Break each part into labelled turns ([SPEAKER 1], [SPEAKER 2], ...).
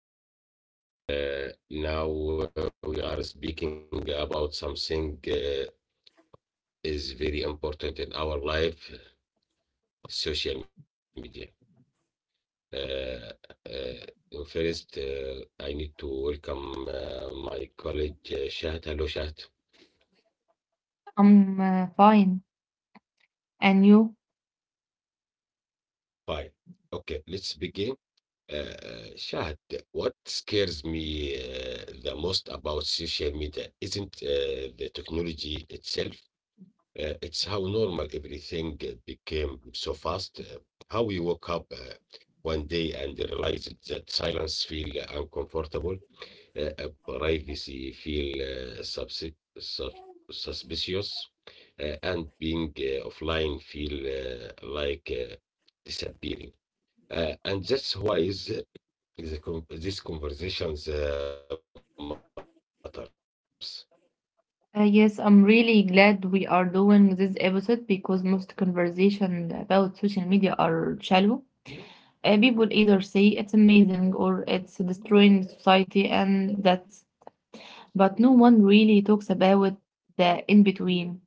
[SPEAKER 1] Hello everyone. Now we are speaking about something is very important in our life, social media. Uh, First, I need to welcome my colleague Shahad. Hello, Shahad.
[SPEAKER 2] I'm fine. And you?
[SPEAKER 1] Fine. Okay, let's begin. Shahad, what scares me the most about social media isn't the technology itself. It's how normal everything became so fast. How we woke up one day and realized that silence feel uncomfortable, privacy feel sus- suspicious, and being offline feel like disappearing. And that's why is these conversations matters.
[SPEAKER 2] Yes, I'm really glad we are doing this episode because most conversations about social media are shallow. People either say it's amazing or it's destroying society, and that's, but no one really talks about the in between,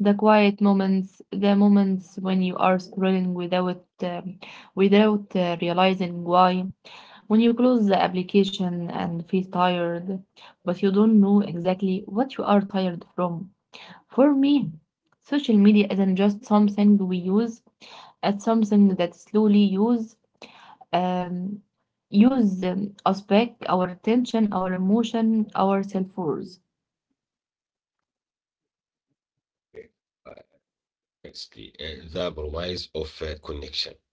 [SPEAKER 2] the quiet moments, the moments when you are scrolling without realizing why. When you close the application and feel tired, but you don't know exactly what you are tired from. For me, social media isn't just something we use, it's something that slowly um, use us back, our attention, our emotion, our self worth.
[SPEAKER 1] It's the promise of connection.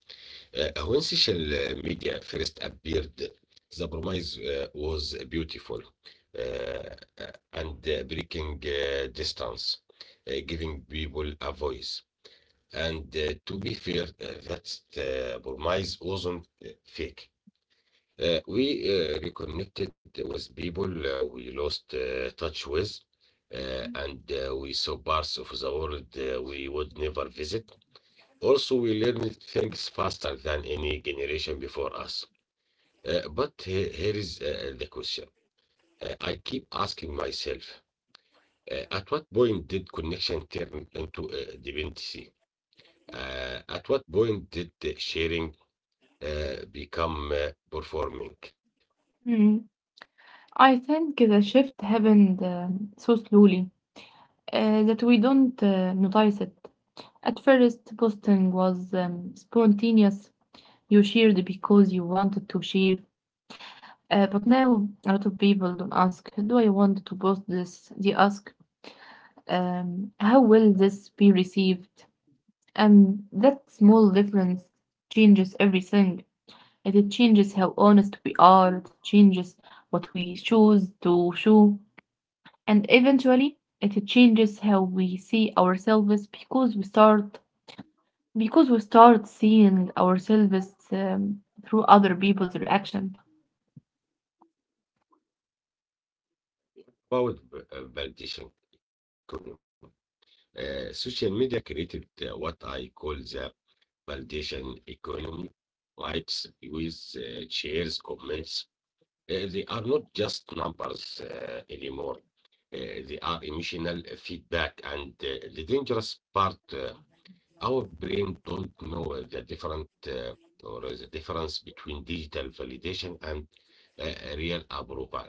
[SPEAKER 1] When social media first appeared, the promise was beautiful uh, and breaking distance, giving people a voice. And to be fair, that promise wasn't fake. We reconnected with people we lost touch with, and we saw parts of the world we would never visit. Also, we learn things faster than any generation before us. But here is the question. I keep asking myself, at what point did connection turn into dependency? At what point did the sharing become performing?
[SPEAKER 2] Hmm. I think the shift happened so slowly that we don't notice it. At first, posting was spontaneous. You shared because you wanted to share. But now, a lot of people don't ask, "Do I want to post this?" They ask, how will this be received? And that small difference changes everything. And it changes how honest we are, it changes what we choose to show, and eventually it changes how we see ourselves because we start seeing ourselves through other people's reaction.
[SPEAKER 1] About validation economy. Social media created what I call the validation economy: likes, views, shares, comments. They are not just numbers anymore. They are emotional feedback. And the dangerous part, our brain don't know the different or the difference between digital validation and uh, real approval.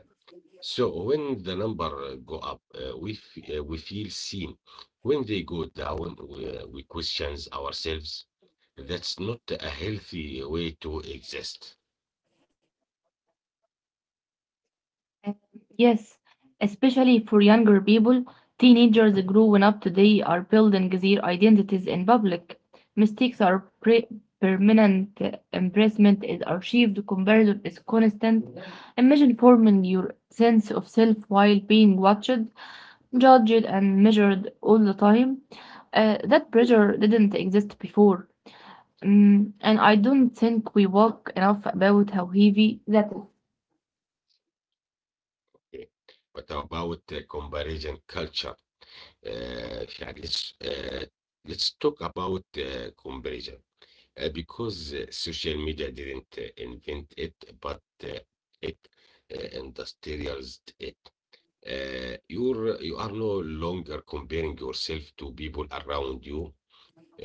[SPEAKER 1] So when the number go up, we feel seen. When they go down, we questions ourselves. That's not a healthy way to exist.
[SPEAKER 2] Uh, Yes, especially for younger people, teenagers growing up today are building their identities in public. Mistakes are pre- permanent, embarrassment is archived, comparison is constant. Imagine forming your sense of self while being watched, judged, and measured all the time. That pressure didn't exist before. And I don't think we walk enough about how heavy that is.
[SPEAKER 1] Eh, But about the comparison culture, Shah, let's talk about comparison because social media didn't invent it, but it industrialized it. You are no longer comparing yourself to people around you.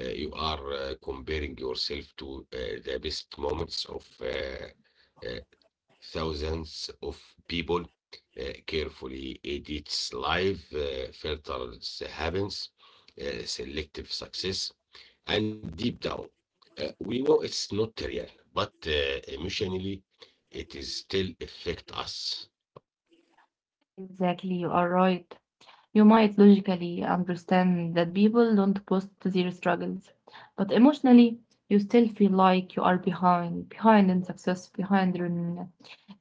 [SPEAKER 1] You are comparing yourself to the best moments of uh, thousands of people, carefully edits life, filters happens, selective success, and deep down, we know it's not real, but emotionally, it is still affect us.
[SPEAKER 2] Exactly, you are right. You might logically understand that people don't post their struggles, but emotionally, you still feel like you are behind, behind in success,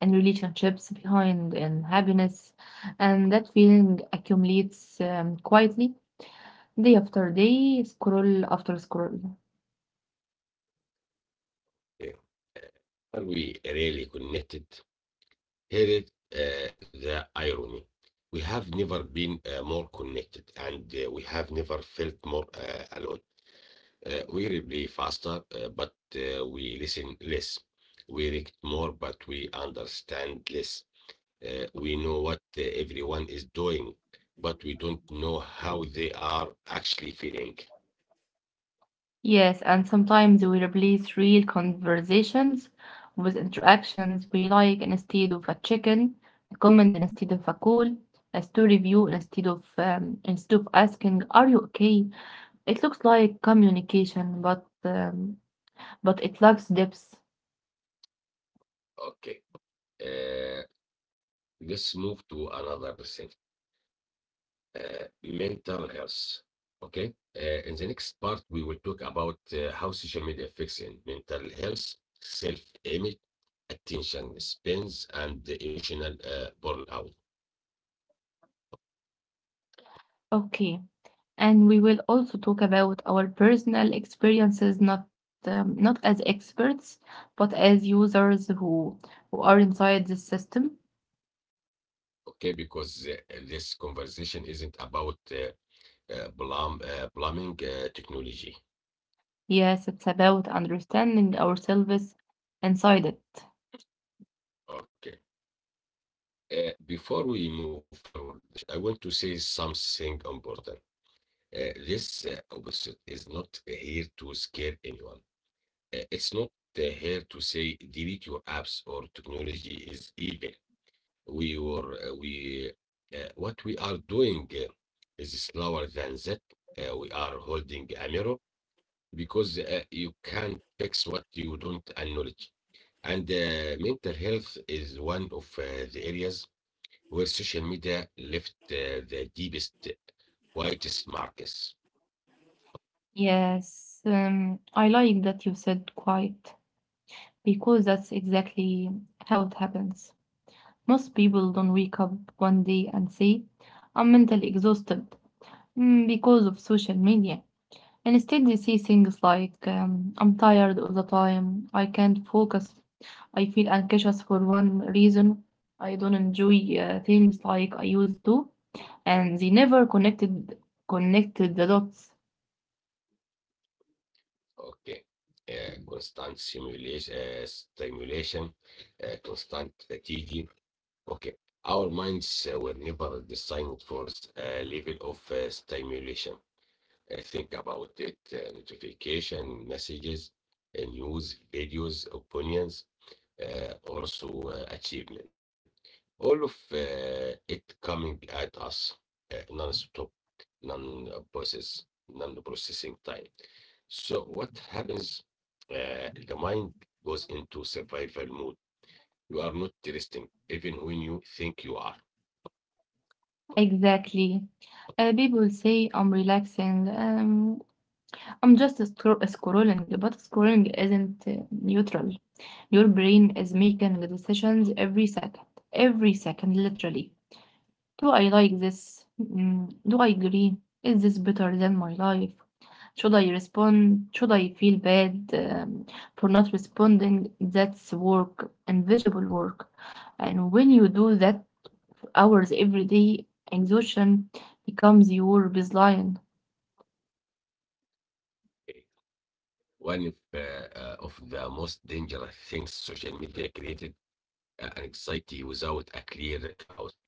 [SPEAKER 2] in relationships, behind in happiness, and that feeling accumulates quietly day after day, scroll after scroll.
[SPEAKER 1] Yeah. Are we really connected? Here is the irony. We have never been more connected and we have never felt more alone. We reply faster, but we listen less. We react more, but we understand less. We know what everyone is doing, but we don't know how they are actually feeling.
[SPEAKER 2] Yes, and sometimes we replace real conversations with interactions we like instead of a chicken, a comment instead of a call, a story view instead of asking, "Are you okay?" It looks like communication, but but it lacks depth.
[SPEAKER 1] Okay. Uh, let's move to another thing: mental health. Okay. In the next part, we will talk about how social media affects in mental health, self image, attention spans, and the emotional burnout.
[SPEAKER 2] Okay, and we will also talk about our personal experiences, not as experts, but as users who are inside the system.
[SPEAKER 1] Okay. Because this conversation isn't about blaming technology.
[SPEAKER 2] Yes, it's about understanding ourselves inside it.
[SPEAKER 1] Okay. Before we move forward, Shahad, I want to say something important. This opposite is not here to scare anyone. It's not here to say delete your apps or technology is evil. We were we What we are doing is slower than that. We are holding a mirror because you can't fix what you don't acknowledge. And mental health is one of the areas where social media left the deepest, whitest marks.
[SPEAKER 2] Yes, I like that you said quiet because that's exactly how it happens. Most people don't wake up one day and say, "I'm mentally exhausted mm, because of social media." Instead, they say things like, I'm tired all the time, I can't focus, I feel anxious for one reason, I don't enjoy things like I used to. And they never connected the dots.
[SPEAKER 1] Okay. Constant stimulation, constant fatigue. Okay. Our minds were never designed for a level of stimulation. Think about it: notification, messages, news, videos, opinions, also achievement. All of it coming at us uh, non non-process, non-processing time. So what happens? The mind goes into survival mode. You are not resting, even when you think you are.
[SPEAKER 2] Exactly. People say, "I'm relaxing." I'm just scrolling, but scrolling isn't neutral. Your brain is making decisions every second, literally. Do I like this? Mm, do I agree? Is this better than my life? Should I respond? Should I feel bad for not responding? That's work, invisible work. And when you do that, hours every day, exhaustion becomes your baseline.
[SPEAKER 1] Okay. One of the most dangerous things social media created: anxiety without a clear cause.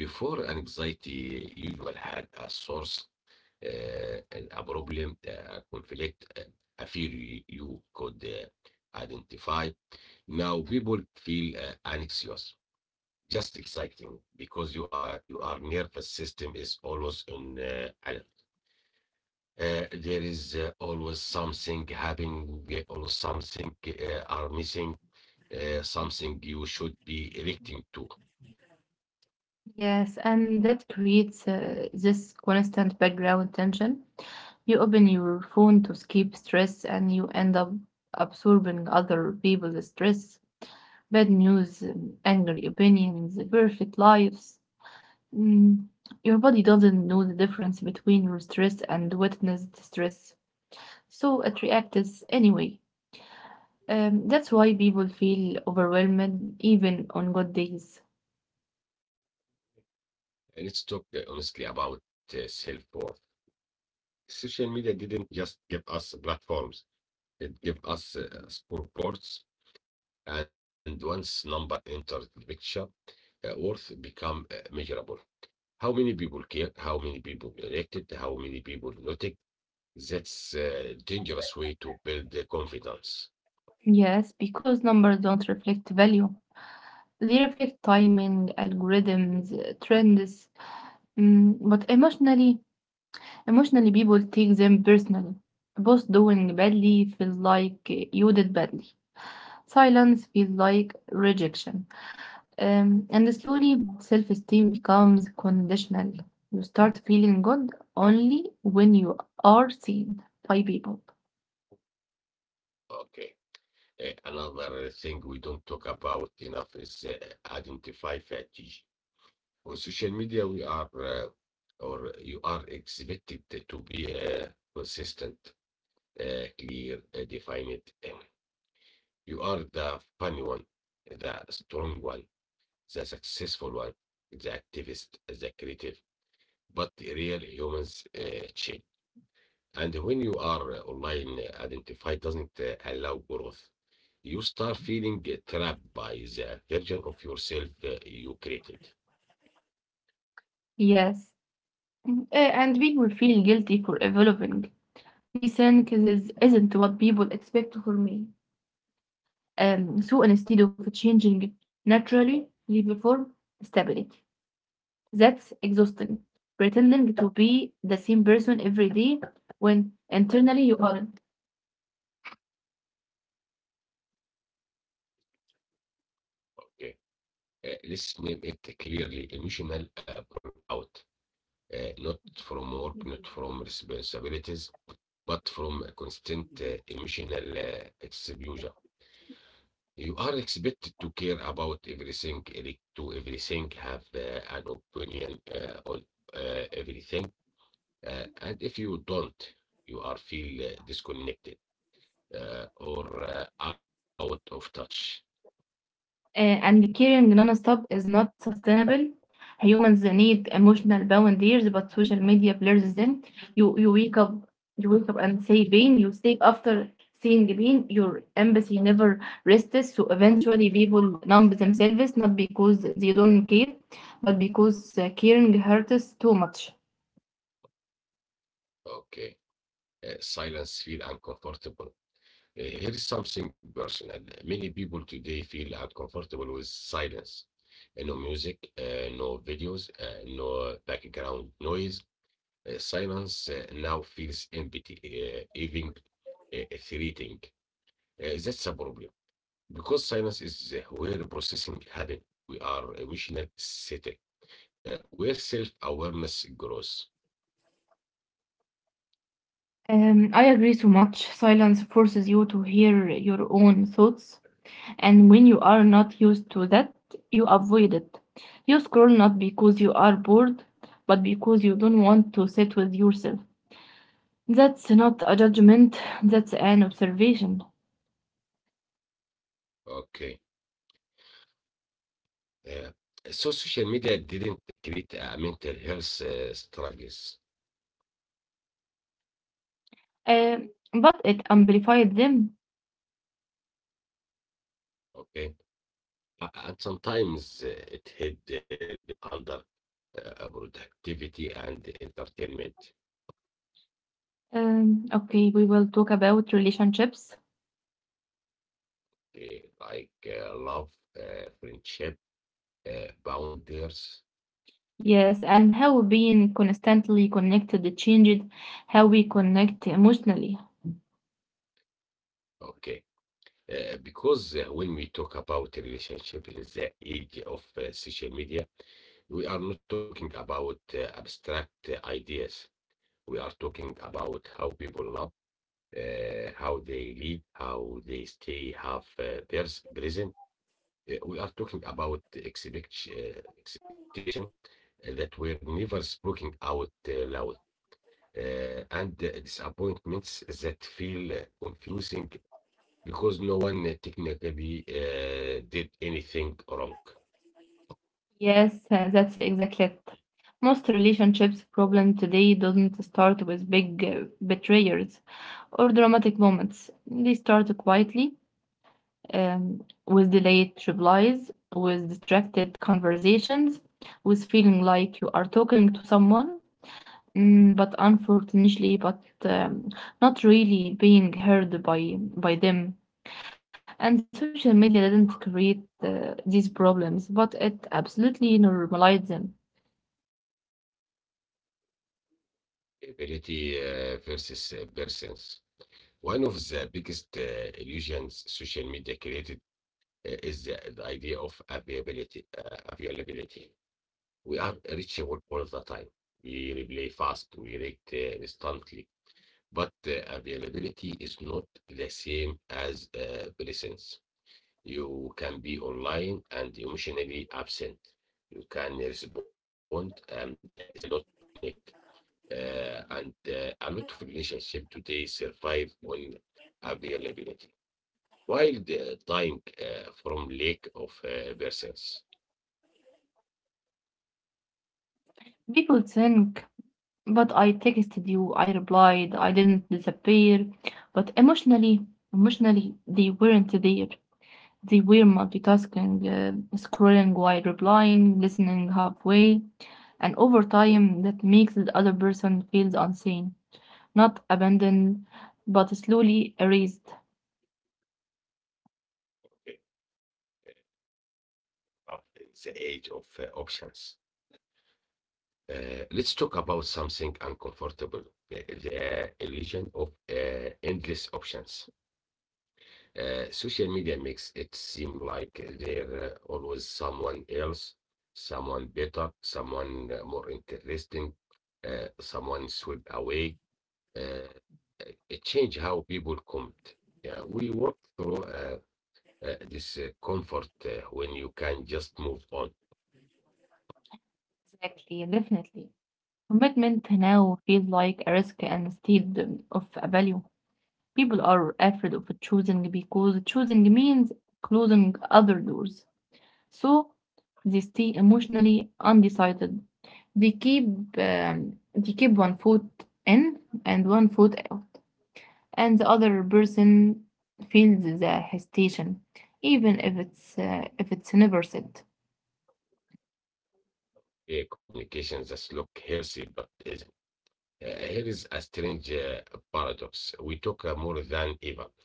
[SPEAKER 1] Before anxiety usually had a source, and a problem, a conflict, a fear you could identify. Now people feel anxious, just exciting because you are nervous system is always on alert. There is always something happening, always something are missing, something you should be reacting to.
[SPEAKER 2] Yes, and that creates this constant background tension. You open your phone to escape stress and you end up absorbing other people's stress, bad news, angry opinions, perfect lives. Mm, your body doesn't know the difference between your stress and witnessed stress, so it reacts anyway. That's why people feel overwhelmed even on good days.
[SPEAKER 1] Let's talk honestly about self-worth. Social media didn't just give us platforms, it gave us scoreboards, and once number entered the picture, worth become measurable. How many people care? How many people reacted? How many people noticed? That's a dangerous way to build the confidence.
[SPEAKER 2] Yes, because numbers don't reflect value. They reflect timing, algorithms, trends. Mm, but emotionally, emotionally people take them personally. Both doing badly feels like you did badly. Silence feels like rejection. And slowly self-esteem becomes conditional. You start feeling good only when you are seen by people.
[SPEAKER 1] Okay. Another thing we don't talk about enough is identify fatigue. On social media, we are or you are expected to be consistent, clear, defined. Um, You are the funny one, the strong one, the successful one, the activist, the creative, but real humans change. And when you are online identified doesn't allow growth, you start feeling trapped by the version of yourself you created.
[SPEAKER 2] Yes, and people feel guilty for evolving. They think this isn't what people expect from me. So instead of changing naturally, they perform stability. That's exhausting. Pretending to be the same person every day when internally you aren't.
[SPEAKER 1] Okay. Let's name it clearly: emotional burnout. Not from work, not from responsibilities, but from a constant emotional exposure. You are expected to care about everything, to everything, have an opinion on everything, and if you don't, you are feel disconnected or out of touch.
[SPEAKER 2] And caring non-stop is not sustainable. Humans need emotional boundaries, but social media blurs them. You you wake up you wake up and say pain. You stay after seeing pain. Your empathy never rests. So eventually, people numb themselves not because they don't care, but because caring hurts too much.
[SPEAKER 1] Okay. Silence feel uncomfortable. Here is something personal. Many people today feel uncomfortable with silence. No music, no videos, no background noise. Silence now feels empty, even threatening. That's a problem because silence is where processing happens. We are emotional sitting, where self awareness grows.
[SPEAKER 2] I agree so much. Silence forces you to hear your own thoughts. And when you are not used to that, you avoid it. You scroll not because you are bored, but because you don't want to sit with yourself. That's not a judgment, that's an observation.
[SPEAKER 1] Okay. Uh, so social media didn't create a mental health struggles.
[SPEAKER 2] Uh, but it amplified them.
[SPEAKER 1] Okay. And sometimes it hid them under productivity and entertainment,
[SPEAKER 2] Okay, we will talk about relationships.
[SPEAKER 1] like love, friendship, boundaries.
[SPEAKER 2] Yes, and how being constantly connected changed how we connect emotionally.
[SPEAKER 1] Okay. Because when we talk about relationship in the age of social media, we are not talking about abstract ideas. We are talking about how people love, how they lead, how they stay half present. We are talking about expectation that were never spoken out loud and disappointments that feel confusing because no one technically did anything wrong.
[SPEAKER 2] Yes, that's exactly it. Most relationships problem today doesn't start with big betrayals or dramatic moments. They start quietly with delayed replies, with distracted conversations, with feeling like you are talking to someone, mm, but unfortunately, but not really being heard by them. And social media didn't create these problems, but it absolutely normalized them.
[SPEAKER 1] Ability versus persons. One of the biggest illusions social media created is the idea of availability. Availability. We are reachable all the time. We reply fast, we react instantly, but availability is not the same as presence. You can be online and emotionally absent. You can respond and still not connect. And a lot of relationships today survive on availability, while the dying from lack of presence.
[SPEAKER 2] People think, "But I texted you, I replied, I didn't disappear." But emotionally, emotionally, they weren't there. They were multitasking, scrolling while replying, listening halfway. And over time, that makes the other person feel unseen, not abandoned, but slowly erased.
[SPEAKER 1] uh, of the age of options. Let's talk about something uncomfortable: the illusion of endless options. Social media makes it seem like there's always someone else, someone better, someone more interesting, someone swept away. Uh, it changed how people comment. Yeah, we work through this comfort when you can just move on.
[SPEAKER 2] Exactly, definitely. Commitment now feels like a risk and instead of a value. People are afraid of choosing because choosing means closing other doors. So they stay emotionally undecided. They keep they keep one foot in and one foot out, and the other person feels the hesitation, even if it's never said.
[SPEAKER 1] Yeah, communications just look healthy, but here is a strange paradox. We talk more than ever,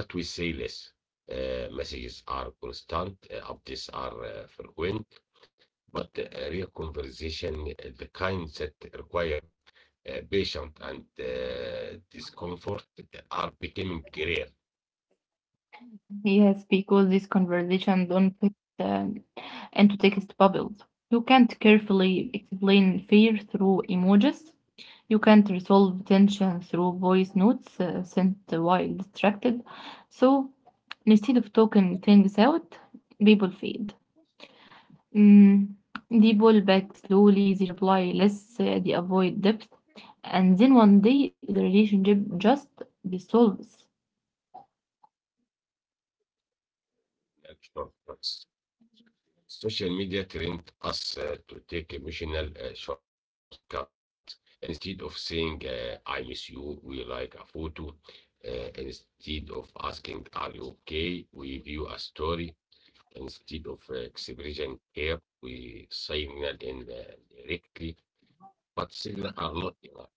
[SPEAKER 1] but we say less. Messages are constant, updates are frequent, but real conversation, the kind that require patience and discomfort, are becoming rare.
[SPEAKER 2] Yes, because this conversation don't fit um, into text bubbles. You can't carefully explain fear through emojis. You can't resolve tension through voice notes sent while distracted. So instead of talking things out, people feed. Mm, they pull back slowly, they reply less, they avoid depth, and then one day the relationship just dissolves.
[SPEAKER 1] In short, social media trained us to take emotional shortcuts. Instead of saying, I miss you, we like a photo. Instead of asking, Are you okay? We view a story. Instead of expressing care, we signal indirectly, but signal are not enough.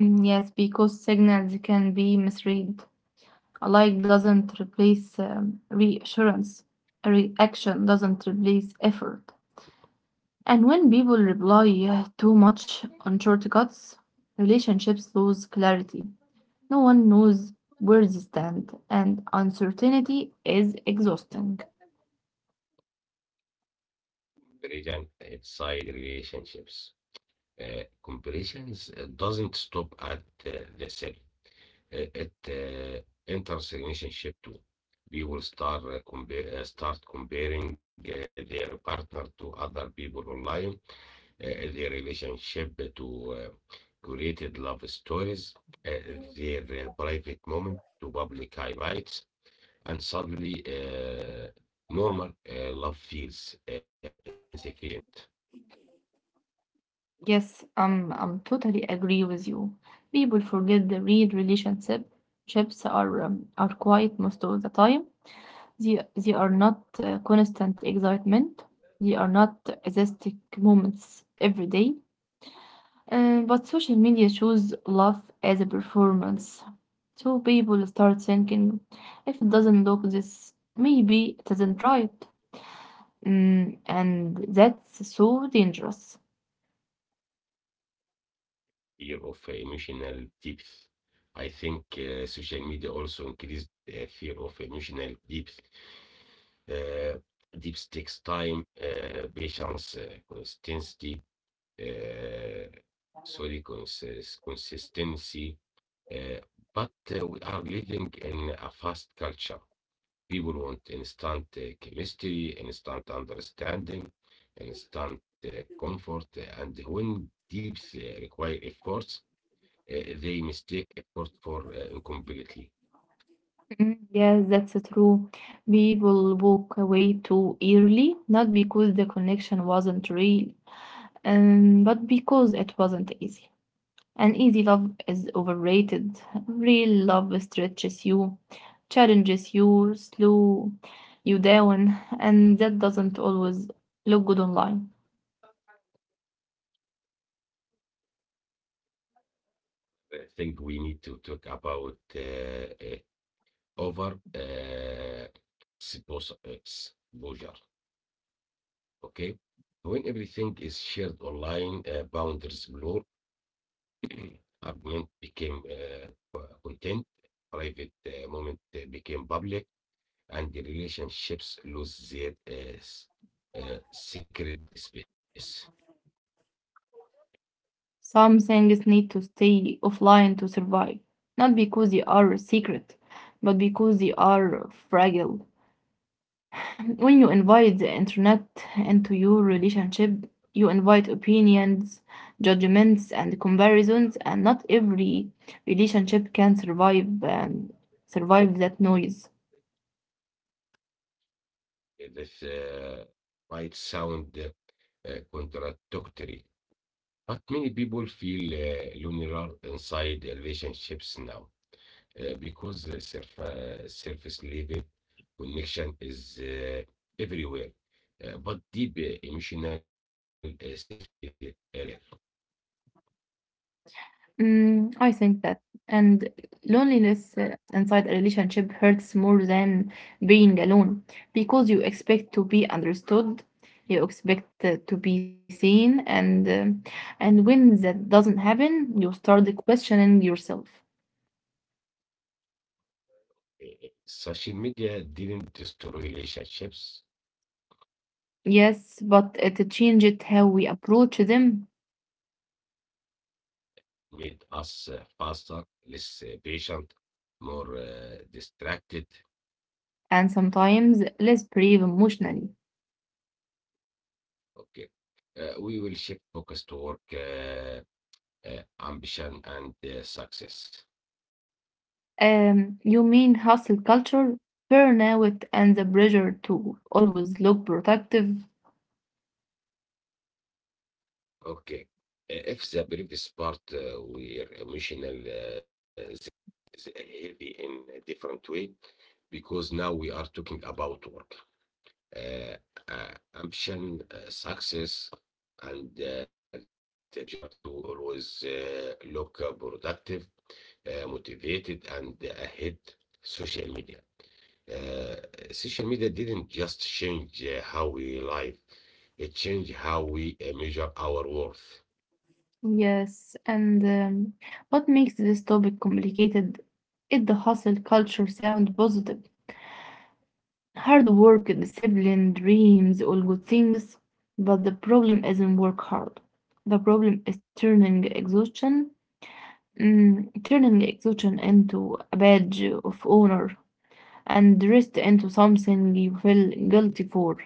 [SPEAKER 2] Mm, yes, because signals can be misread. A like doesn't replace reassurance. A reaction doesn't replace effort. And when people rely too much on shortcuts, relationships lose clarity. No one knows where they stand, and uncertainty is exhausting.
[SPEAKER 1] Comparison inside relationships. Comparisons doesn't stop at the self. It enters relationship too. We will start comparing their partner to other people online, their relationship to uh, created love stories, uh, their private moment to public highlights, and suddenly normal love feels insufficient.
[SPEAKER 2] Yes, I'm totally agree with you. People forget the real relationships are quiet most of the time. They are not constant excitement. They are not aesthetic moments every day. But social media shows love as a performance. So people start thinking, if it doesn't look this, maybe it isn't right. Mm, and that's so dangerous.
[SPEAKER 1] Year of emotional depth. I think social media also increased fear of emotional depth. Uh, Depth takes time, patience, consistency. uh, Consistency. Uh, but we are living in a fast culture. People want instant chemistry, instant understanding, instant comfort, and when deeps require efforts, uh, they mistake effort for incomplete.
[SPEAKER 2] Mm, yes, that's true. People walk away too early, not because the connection wasn't real, but because it wasn't easy. And easy love is overrated. Real love stretches you, challenges you, slow you down, and that doesn't always look good online.
[SPEAKER 1] I think we need to talk about over uh, exposure. Okay. When everything is shared online, boundaries blur, argument became content, private moment became public, and the relationships lose their sacred space.
[SPEAKER 2] Some things need to stay offline to survive, not because they are secret, but because they are fragile. When you invite the internet into your relationship, you invite opinions, judgments, and comparisons, and not every relationship can survive that noise.
[SPEAKER 1] This might sound contradictory, but many people feel lonelier inside relationships now. Because surface level connection is everywhere, but deep emotional safety is rare.
[SPEAKER 2] Mm, I think that. And loneliness inside a relationship hurts more than being alone because you expect to be understood, you expect to be seen, and and when that doesn't happen, you start questioning yourself.
[SPEAKER 1] Social media didn't destroy relationships,
[SPEAKER 2] Yes, but it changed how we approach them
[SPEAKER 1] made us faster, less patient, more distracted.
[SPEAKER 2] and sometimes less brave emotionally.
[SPEAKER 1] Okay. We will shift focus to work, ambition and success.
[SPEAKER 2] You mean hustle culture, burnout, and the pressure to always look productive?
[SPEAKER 1] Okay. If the previous part were emotional, this is heavy in a different way because now we are talking about work, uh, ambition, success, and the pressure to always look productive, motivated, and ahead social media. Uh, Social media didn't just change how we live, it changed how we measure our worth.
[SPEAKER 2] Yes, and what makes this topic complicated is the hustle culture sound positive. Hard work, discipline, dreams, all good things, but the problem isn't work hard. The problem is turning exhaustion. Mm, turning exhaustion into a badge of honor and rest into something you feel guilty for.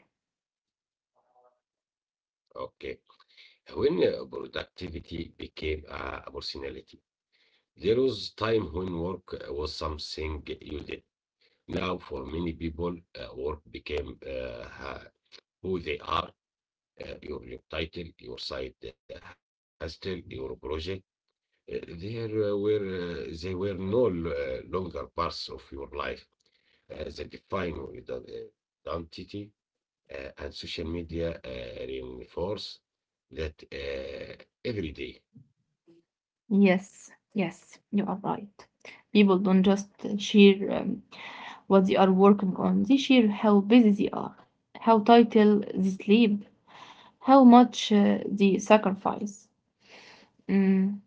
[SPEAKER 1] Okay. When productivity became a personality, there was time when work was something you did. Now, for many people, work became who they are, your title, your side hustle, your project. There were they were no longer parts of your life that define the identity, and social media reinforce that every day
[SPEAKER 2] Yes, yes, you are right. People don't just share what they are working on, they share how busy they are, how title they sleep, how much they sacrifice. Mm,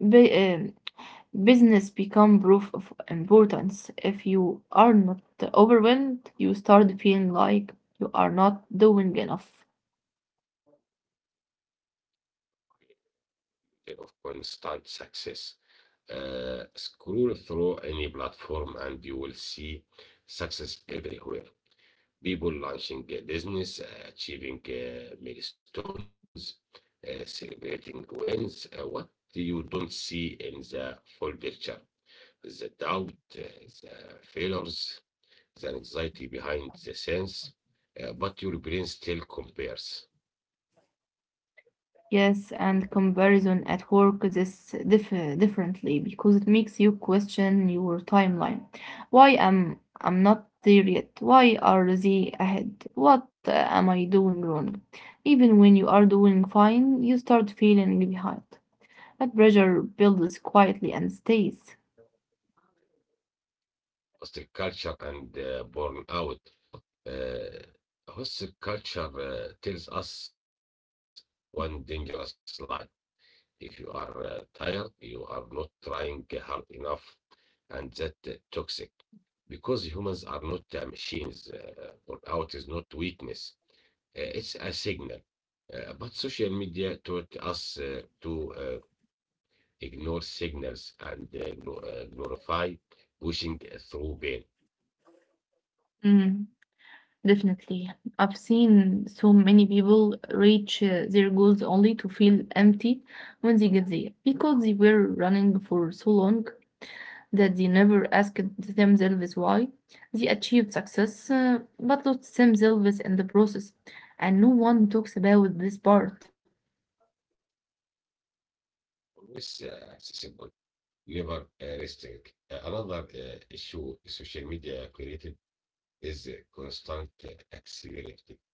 [SPEAKER 2] ba- Business become proof of importance. If you are not overwhelmed, you start feeling like you are not doing enough.
[SPEAKER 1] of constant success. Scroll through any platform and you will see success everywhere. People launching a business, achieving milestones, celebrating wins. What you don't see in the full picture, the doubt, uh, the failures, the anxiety behind the scenes, but your brain still compares.
[SPEAKER 2] Yes, and comparison at work is differently because it makes you question your timeline. Why am I'm not there yet? Why are they ahead? What am I doing wrong? Even when you are doing fine, you start feeling behind. That pressure builds quietly and stays.
[SPEAKER 1] Hostile culture and burnout. Uh, Hostile culture tells us one dangerous lie. If you are tired, you are not trying hard enough, and that toxic. Because humans are not machines, burnout is not weakness, it's a signal. But social media taught us to ignore signals and glorify pushing through pain.
[SPEAKER 2] Mm, definitely. I've seen so many people reach their goals only to feel empty when they get there because they were running for so long, that they never asked themselves why. They achieved success, but lost themselves in the process, and no one talks about this part.
[SPEAKER 1] Always accessible, never resting. Another issue social media created is constant accessibility.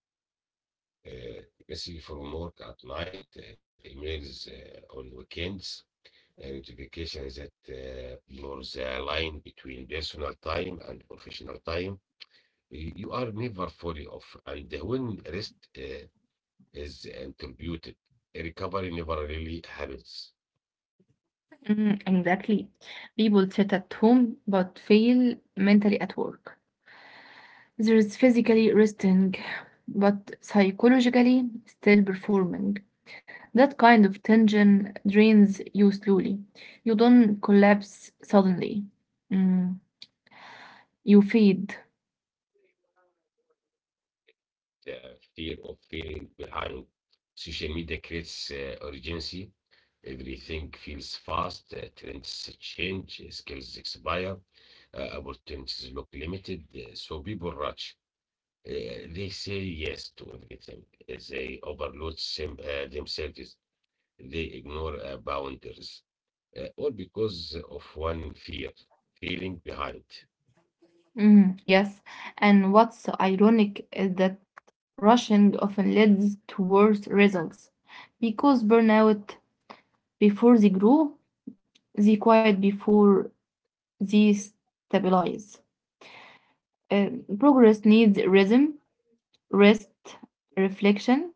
[SPEAKER 1] Uh, Especially from work at night, emails on weekends, and notifications that blur the line between personal time and professional time. You are never fully off, and when rest is interrupted, recovery never really happens.
[SPEAKER 2] Mm, exactly. People sit at home but fail mentally at work. There is physically resting, but psychologically still performing. That kind of tension drains you slowly. You don't collapse suddenly. Mm, you fade.
[SPEAKER 1] uh, Fear of feeling behind. Social media creates urgency. Everything feels fast. Trends change. Skills expire. Opportunities look limited, so people rush. They say yes to everything. They overload themselves. They ignore boundaries. All because of one fear, feeling behind.
[SPEAKER 2] Mm, yes, and what's ironic is that rushing often leads to worse results because burnout before they grow, they quiet before they stabilize. Progress needs rhythm, rest, reflection,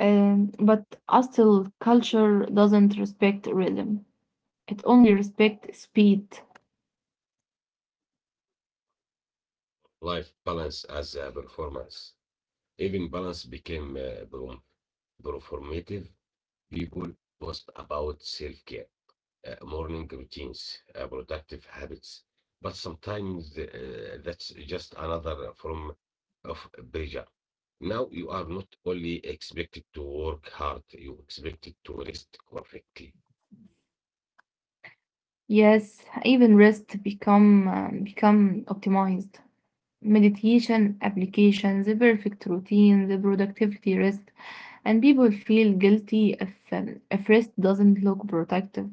[SPEAKER 2] but hostile culture doesn't respect rhythm. It only respects speed.
[SPEAKER 1] Life balance as a performance. Even balance became performative. People post about self care, morning routines, productive habits. But sometimes that's just another form of pressure. Now you are not only expected to work hard, you expected to rest correctly.
[SPEAKER 2] Yes, even rest become become optimized. Meditation applications, the perfect routine, the productivity rest, and people feel guilty if rest doesn't look productive.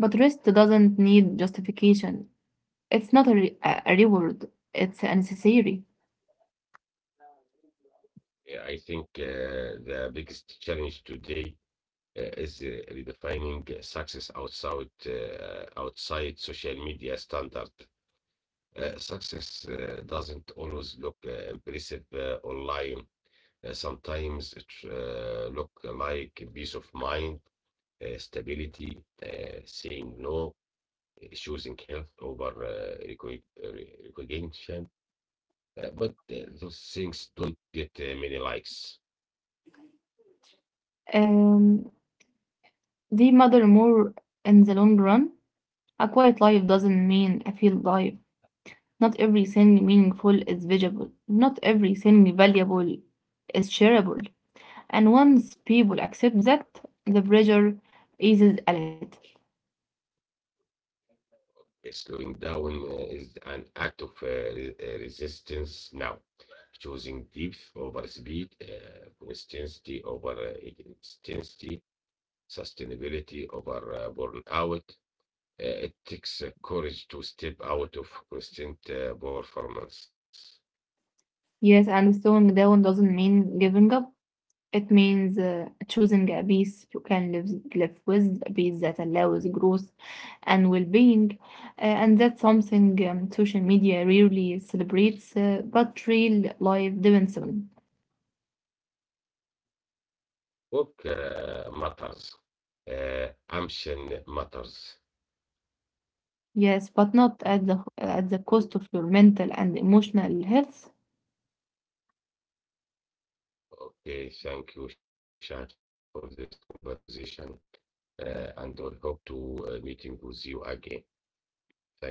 [SPEAKER 2] But rest doesn't need justification. It's not a, re- a reward, it's a necessary.
[SPEAKER 1] Yeah, I think the biggest challenge today is redefining success outside social media standard. Success doesn't always look impressive online. Sometimes it look like peace of mind, stability, saying no, choosing health over recognition. But those things don't get many likes.
[SPEAKER 2] Um, they matter more in the long run. A quiet life doesn't mean a field life. Not everything meaningful is visible. Not everything valuable is shareable. And once people accept that, the pressure eases a little.
[SPEAKER 1] Slowing down is an act of resistance now. Choosing depth over speed, consistency over intensity, sustainability over burnout. It takes courage to step out of constant performance.
[SPEAKER 2] Yes, and slowing down doesn't mean giving up. It means choosing a peace you can live with, a peace that allows growth and well being. And that's something social media rarely celebrates, but real life depends on.
[SPEAKER 1] Work matters. Ambition matters.
[SPEAKER 2] Yes, but not at the cost of your mental and emotional health.
[SPEAKER 1] Okay, thank you, Shad, for this conversation, and I hope to meeting with you again. Thanks a lot.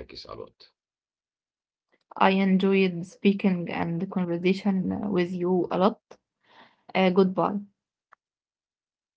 [SPEAKER 2] I enjoyed speaking and the conversation with you a lot. Goodbye.
[SPEAKER 1] Bye.